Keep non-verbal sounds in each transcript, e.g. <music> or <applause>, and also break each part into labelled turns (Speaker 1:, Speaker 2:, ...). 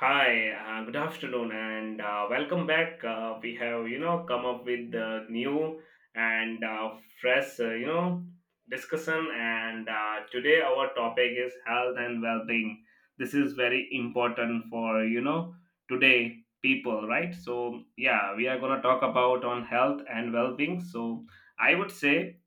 Speaker 1: Hi, good afternoon, and welcome back. We have, come up with new and fresh, discussion. And Today our topic is health and well-being. This is very important for, today people, right? So yeah, we are gonna talk about on health and well-being. So I would say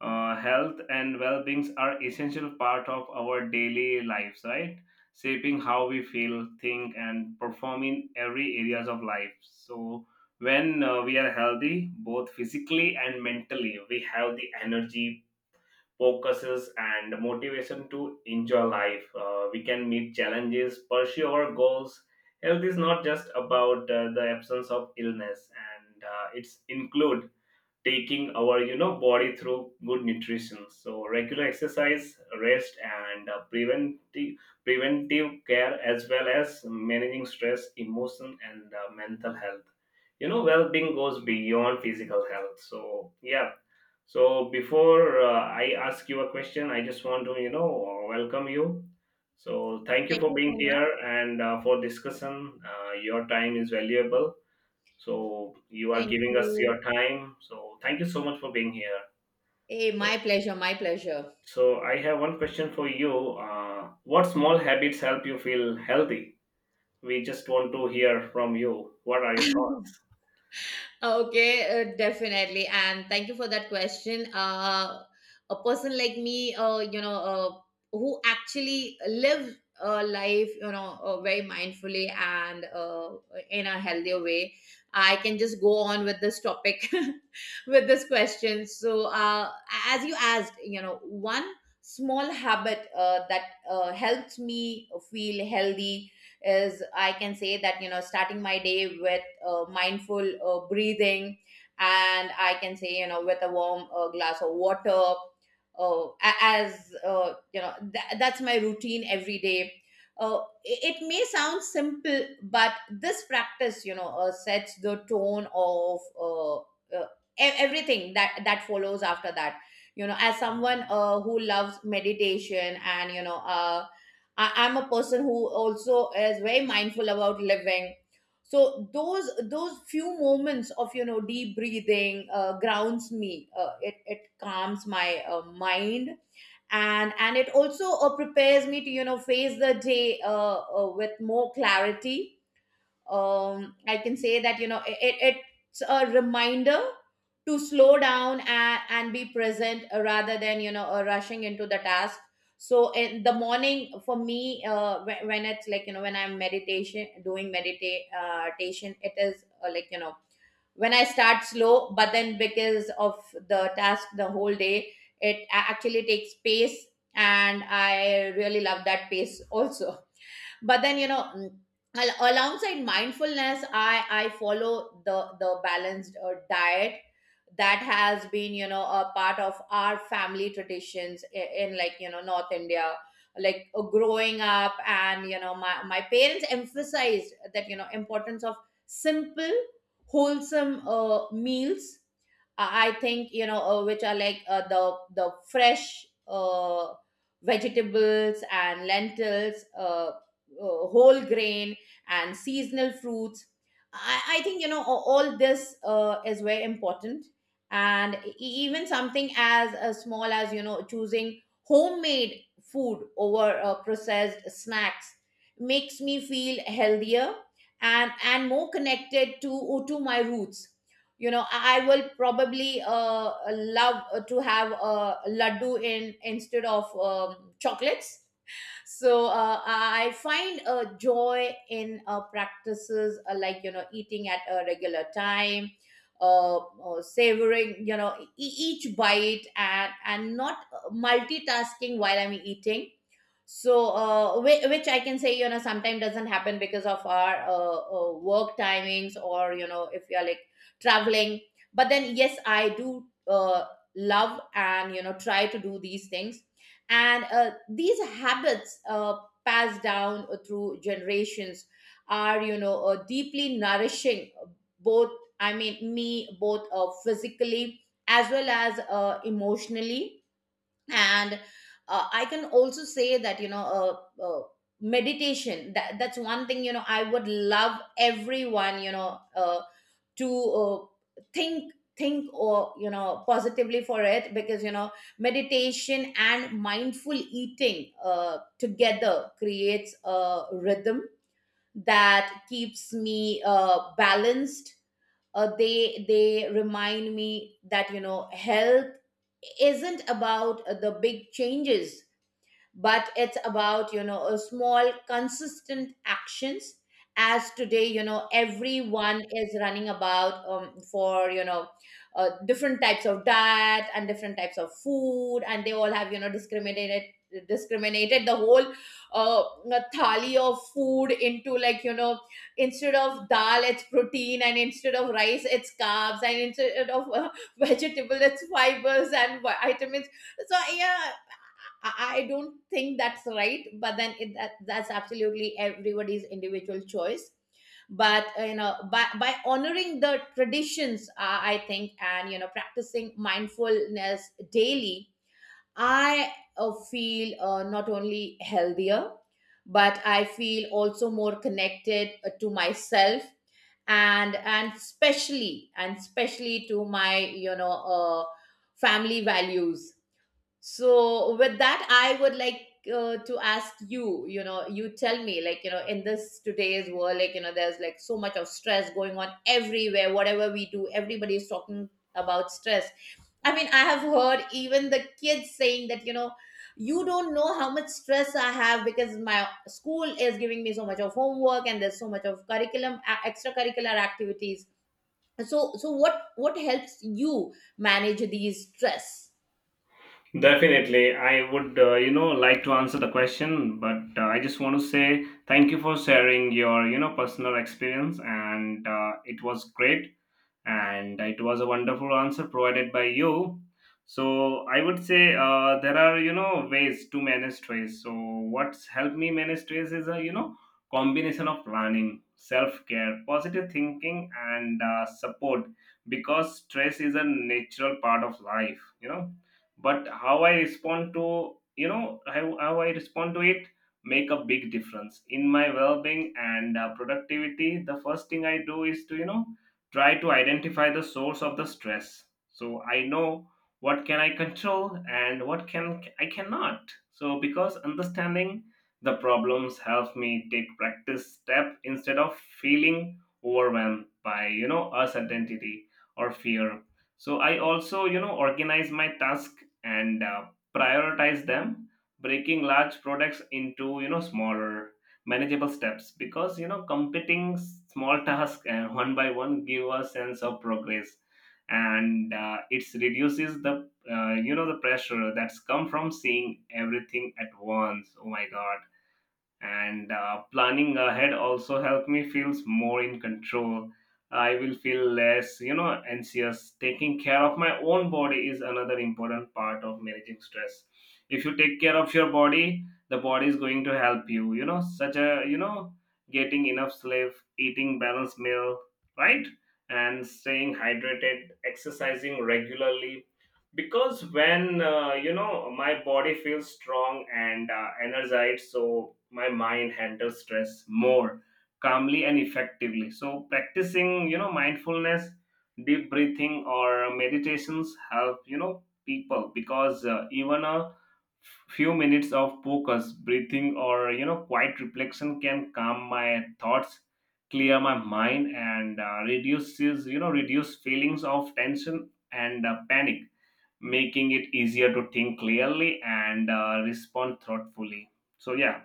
Speaker 1: health and well being are essential part of our daily lives, right, shaping how we feel, think and perform in every areas of life. So when we are healthy both physically and mentally, we have the energy, focuses and motivation to enjoy life. We can meet challenges, pursue our goals. Health is not just about the absence of illness, and it's include taking our body through good nutrition, so regular exercise, rest and preventive care, as well as managing stress, emotion and mental health. Well-being goes beyond physical health, so yeah. So before I ask you a question, I just want to welcome you. So thank you
Speaker 2: Thank
Speaker 1: for
Speaker 2: you
Speaker 1: being
Speaker 2: so
Speaker 1: here
Speaker 2: much.
Speaker 1: and for discussion. Your time is valuable, so you are
Speaker 2: Thank
Speaker 1: giving us
Speaker 2: you.
Speaker 1: your time. So thank you so much for being here.
Speaker 2: Hey,
Speaker 1: So
Speaker 2: my pleasure, my pleasure.
Speaker 1: I have one question for you. What small habits help you feel healthy? We just want to hear from you. What are your
Speaker 2: <laughs>
Speaker 1: thoughts?
Speaker 2: Okay, definitely. And thank you for that question. A person like me, who actually live a life, very mindfully and in a healthier way, I can just go on with this topic, <laughs> with this question. So, as you asked, you know, one small habit that helps me feel healthy is I can say that, you know, starting my day with mindful breathing, and I can say, you know, with a warm glass of water. A- as You know, that's my routine every day. It may sound simple, but this practice, you know, sets the tone of uh, everything that follows after that. You know, as someone who loves meditation and you know, I'm a person who also is very mindful about living, so those few moments of you know deep breathing grounds me, it calms my mind, and it also prepares me to you know face the day with more clarity. I can say that you know it's a reminder to slow down and be present rather than rushing into the task. So in the morning for me, when it's like you know when I'm meditation doing meditate meditation, it is like you know when I start slow, but then because of the task the whole day, it actually takes pace, and I really love that pace also. But then you know, alongside mindfulness, I follow the balanced diet that has been you know a part of our family traditions in like you know North India, like growing up, and you know my parents emphasized that you know importance of simple, wholesome meals. I think you know which are like the fresh vegetables and lentils, whole grain and seasonal fruits. I think you know all this is very important, and even something as small as you know choosing homemade food over processed snacks makes me feel healthier and more connected to my roots. You know I will probably love to have a laddu in instead of chocolates. So I find a joy in practices like you know eating at a regular time, savoring you know each bite and not multitasking while I'm eating. So which I can say you know sometimes doesn't happen because of our work timings, or you know if you're like traveling. But then yes I do love and you know try to do these things. And these habits passed down through generations are you know deeply nourishing both, I mean me, both physically as well as emotionally. And I can also say that meditation, that's one thing you know I would love everyone to think think, or you know positively for it, because you know meditation and mindful eating together creates a rhythm that keeps me balanced. They remind me that you know health isn't about the big changes, but it's about you know a small consistent actions. As today you know everyone is running about for you know different types of diet and different types of food, and they all have you know discriminated the whole uh, thali of food into like you know instead of dal it's protein, and instead of rice it's carbs, and instead of <laughs> vegetable it's fibers and vitamins. So yeah, I don't think that's right, but then that's absolutely everybody's individual choice. But you know, by honoring the traditions, I think, and you know, practicing mindfulness daily, I feel not only healthier, but I feel also more connected to myself, and and especially to my you know family values. So with that I would like to ask you, you know, you tell me like you know in this today's world, like you know there's like so much of stress going on everywhere, whatever we do everybody is talking about stress. I mean I have heard even the kids saying that you know you don't know how much stress I have because my school is giving me so much of homework, and there's so much of curriculum extracurricular activities. So what helps you manage these stress?
Speaker 1: Definitely, I would, like to answer the question, but I just want to say thank you for sharing your, personal experience, and it was great and it was a wonderful answer provided by you. So I would say there are ways to manage stress. So what's helped me manage stress is a combination of planning, self care, positive thinking, and support, because stress is a natural part of life. But how I respond to, how I respond to it make a big difference in my well-being and productivity. The first thing I do is to try to identify the source of the stress, so I know what can I control and what can I cannot. So because understanding the problems helps me take practice step instead of feeling overwhelmed by uncertainty or fear. So I also organize my task and prioritize them, breaking large products into smaller manageable steps, because completing small tasks one by one give a sense of progress, and it reduces the, the pressure that's come from seeing everything at once. Oh my god. And planning ahead also help me feels more in control. I will feel less, anxious. Taking care of my own body is another important part of managing stress. If you take care of your body, the body is going to help you you know such a, getting enough sleep, eating balanced meal, right, and staying hydrated, exercising regularly, because when my body feels strong and energized, so my mind handles stress more calmly and effectively. So practicing mindfulness, deep breathing or meditations help people, because even a few minutes of focus breathing or quiet reflection can calm my thoughts, clear my mind and reduces you know reduce feelings of tension and panic, making it easier to think clearly and respond thoughtfully. So yeah,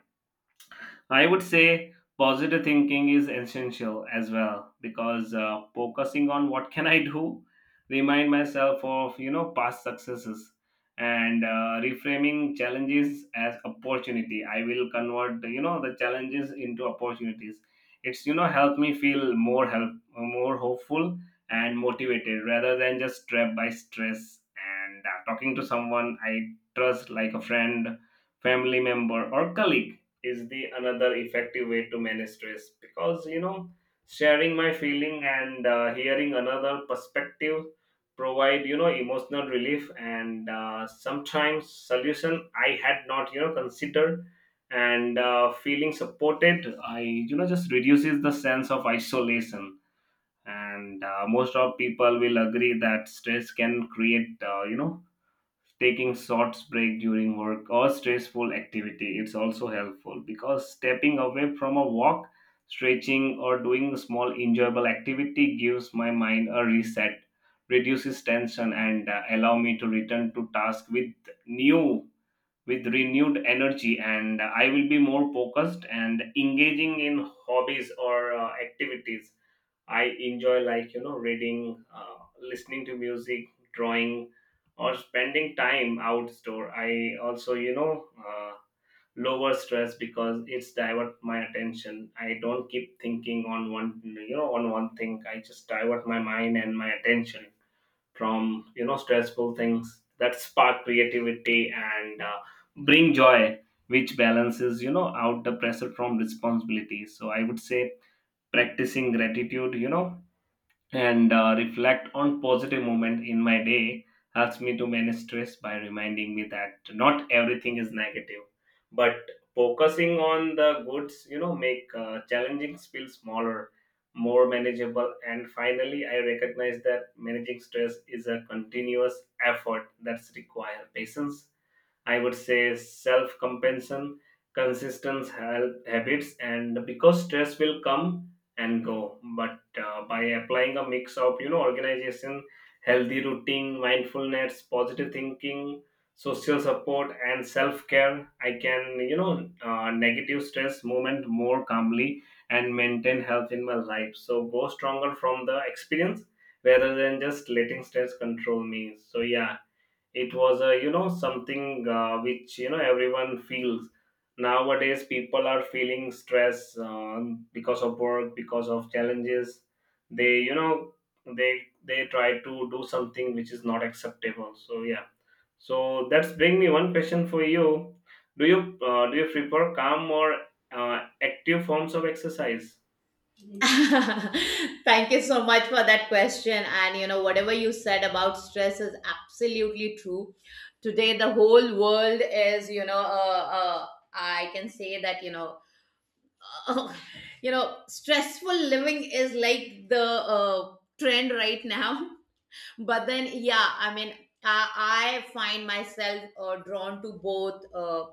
Speaker 1: I would say positive thinking is essential as well, because focusing on what can I do, remind myself of past successes, and reframing challenges as opportunity. I will convert the challenges into opportunities. It's help me feel more, help more hopeful and motivated rather than just trapped by stress. And talking to someone I trust, like a friend, family member, or colleague is the another effective way to manage stress, because sharing my feeling and hearing another perspective provide emotional relief, and sometimes solution I had not considered. And feeling supported, I, just reduces the sense of isolation. And most of people will agree that stress can create taking short break during work or stressful activity. It's also helpful because stepping away from a walk, stretching or doing a small enjoyable activity gives my mind a reset, reduces tension and allow me to return to task with new with renewed energy, and I will be more focused and engaging in hobbies or activities I enjoy, like reading, listening to music, drawing, or spending time outdoor. I also lower stress because it's divert my attention. I don't keep thinking on one you know on one thing. I just divert my mind and my attention from stressful things that spark creativity and bring joy, which balances out the pressure from responsibility. So I would say practicing gratitude, and reflect on positive moment in my day helps me to manage stress by reminding me that not everything is negative, but focusing on the goods, make challenging feel smaller, more manageable. And finally, I recognize that managing stress is a continuous effort that's require patience. I would say self compensation, consistent health habits, and because stress will come and go. But by applying a mix of organization, healthy routine, mindfulness, positive thinking, social support, and self care, I can negative stress movement more calmly and maintain health in my life, so go stronger from the experience rather than just letting stress control me. So yeah, it was a, something which everyone feels nowadays. People are feeling stress because of work, because of challenges. They, they try to do something which is not acceptable, so yeah. So that's bring me one question for you. do you do you prefer calm or active forms of exercise?
Speaker 2: <laughs> Thank you so much for that question. And you know, whatever you said about stress is absolutely true. Today, the whole world is, you know, I can say that, you know, <laughs> you know, stressful living is like the trend right now. But then yeah I mean I find myself drawn to both uh,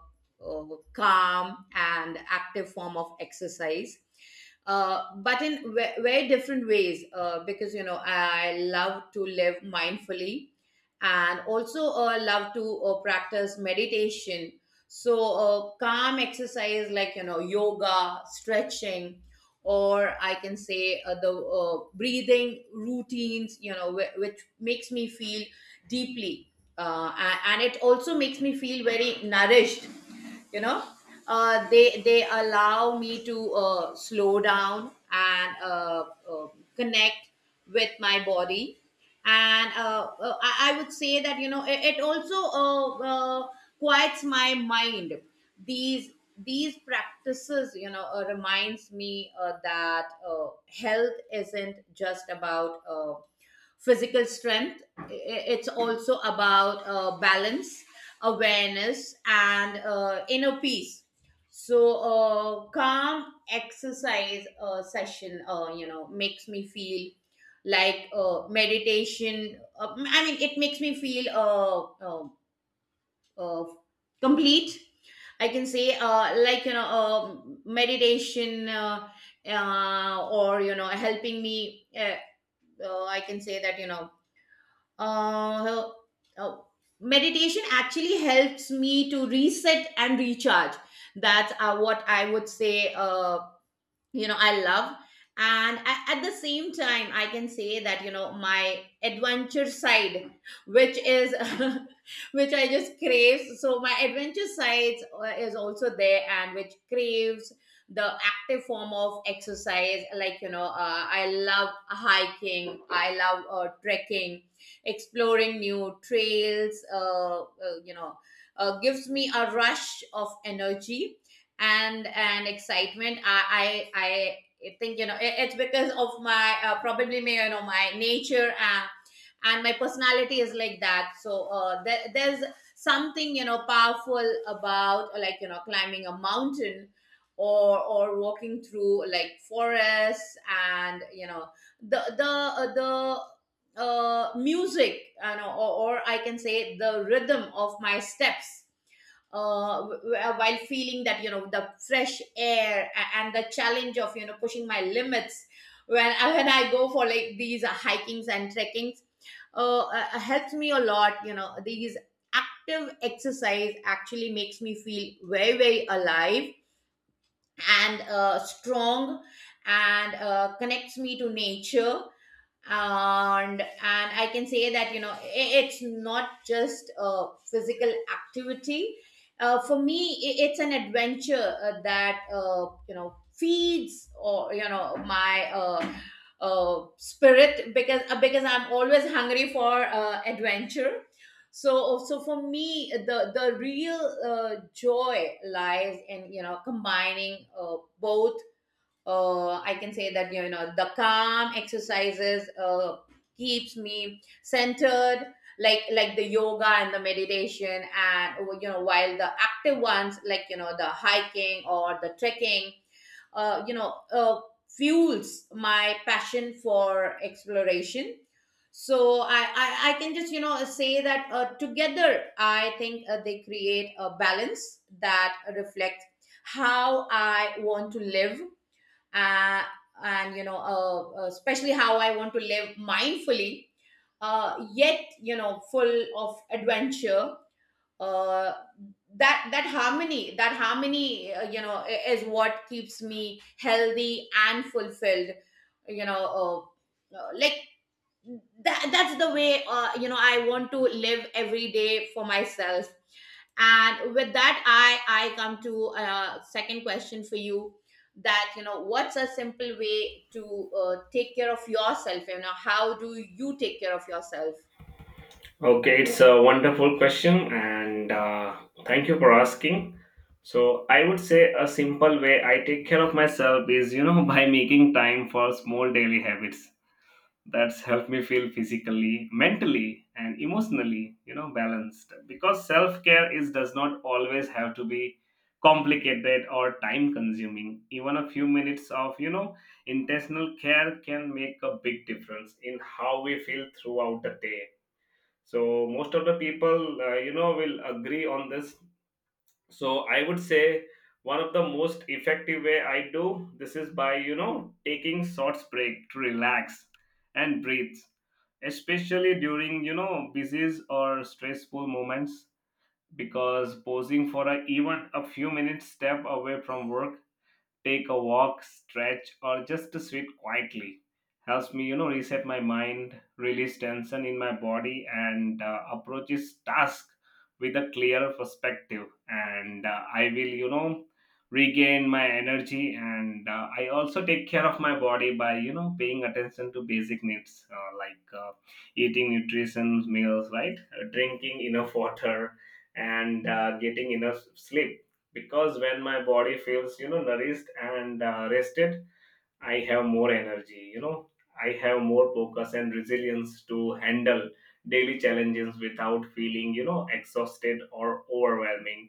Speaker 2: uh, calm and active form of exercise, but in very different ways, because you know I love to live mindfully and also love to practice meditation. So calm exercise like you know yoga, stretching, or I can say the breathing routines, you know, which makes me feel deeply, uh, and it also makes me feel very nourished, you know. They allow me to slow down and uh, connect with my body, and I would say that you know it also quiets my mind. these these practices you know reminds me that health isn't just about physical strength. It's also about balance, awareness, and inner peace. So, calm exercise session, you know, makes me feel like meditation. I mean, it makes me feel uh, complete. I can say, like you know, meditation, or you know, helping me. I can say that you know, uh, uh, meditation actually helps me to reset and recharge. That's what I would say. You know I love. And at the same time I can say that you know my adventure side, which is <laughs> which I just craves, so my adventure side is also there, and which craves the active form of exercise like you know. I love hiking, I love trekking, exploring new trails. You know gives me a rush of energy and excitement. I think you know it's because of my probably may you know my nature and my personality is like that. So there's something you know powerful about like you know climbing a mountain or walking through like forests, and you know the music you know, or I can say the rhythm of my steps, while feeling that you know the fresh air and the challenge of you know pushing my limits when <laughs> when I go for like these hikings and trekkings, helps me a lot. You know these active exercise actually makes me feel very very alive and strong and connects me to nature. And I can say that you know it's not just a physical activity for me. It's an adventure that you know feeds or you know my spirit, because I'm always hungry for adventure. So for me the real joy lies in you know combining both. I can say that you know the calm exercises keeps me centered, like the yoga and the meditation, and you know while the active ones like you know the hiking or the trekking, uh, you know uh, fuels my passion for exploration. So I can just you know say that together I think they create a balance that reflects how I want to live, uh, and you know especially how I want to live mindfully, yet you know full of adventure. uh, that harmony, you know is what keeps me healthy and fulfilled, you know. uh, uh, like that's the way you know I want to live every day for myself. And with that I come to a second question for you, that you know what's a simple way to take care of yourself? You know, how do you take care of yourself?
Speaker 1: Okay, it's a wonderful question, and thank you for asking. So, I would say a simple way I take care of myself is, <laughs> by making time for small daily habits that's help me feel physically, mentally, and emotionally, balanced. Because self care is does not always have to be complicated or time consuming. Even a few minutes of, intentional care can make a big difference in how we feel throughout the day. So most of the people, will agree on this. So I would say one of the most effective way I do this is by taking short break to relax and breathe, especially during busy or stressful moments. Because pausing for a, even a few minutes, step away from work, take a walk, stretch, or just to sit quietly, helps me, reset my mind, release tension in my body, and approaches task with a clear perspective. And I will, regain my energy. And I also take care of my body by, paying attention to basic needs like eating nutrition meals, right, drinking enough water, and getting enough sleep, because when my body feels nourished and rested, I have more energy, I have more focus and resilience to handle daily challenges without feeling exhausted or overwhelming.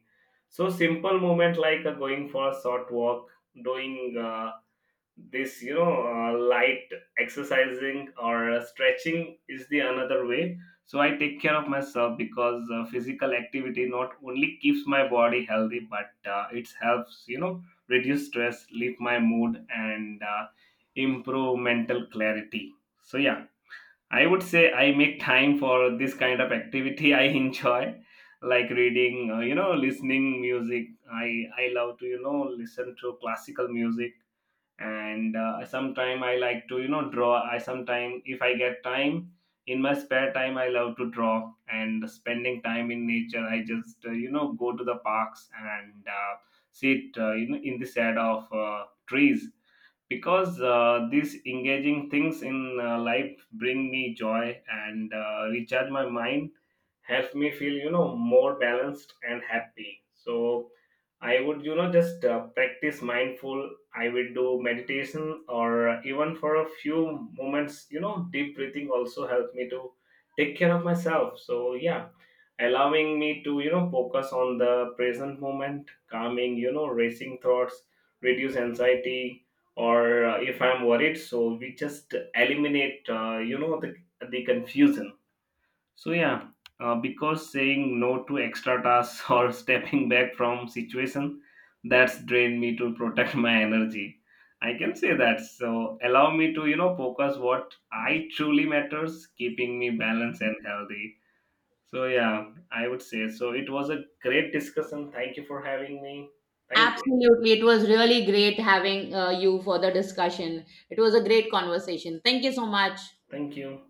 Speaker 1: So simple moment like going for a short walk, doing this light exercising or stretching is the another way. So I take care of myself, because physical activity not only keeps my body healthy, but it helps reduce stress, lift my mood and improve mental clarity. So yeah, I would say I make time for this kind of activity <laughs> I enjoy, like reading, listening music. I love to listen to classical music, and sometime I like to draw. I sometime, if I get time in my spare time, I love to draw and spending time in nature. I just go to the parks and sit in the shade of trees, because these engaging things in life bring me joy and recharge my mind, help me feel more balanced and happy. So I would just practice mindful. I will do meditation, or even for a few moments, deep breathing also helps me to take care of myself. So yeah, allowing me to focus on the present moment, calming racing thoughts, reduce anxiety, or if I'm worried, so we just eliminate the, confusion. So yeah, because saying no to extra tasks <laughs> or stepping back from situation that's drained me to protect <laughs> my energy, I can say that. So allow me to focus what I truly matters, keeping me balanced and healthy. So yeah, I would say, so it was a great discussion. Thank you for having me. Thank you.
Speaker 2: Absolutely, it was really great having you for the discussion. It was a great conversation, thank you so much.
Speaker 1: Thank you.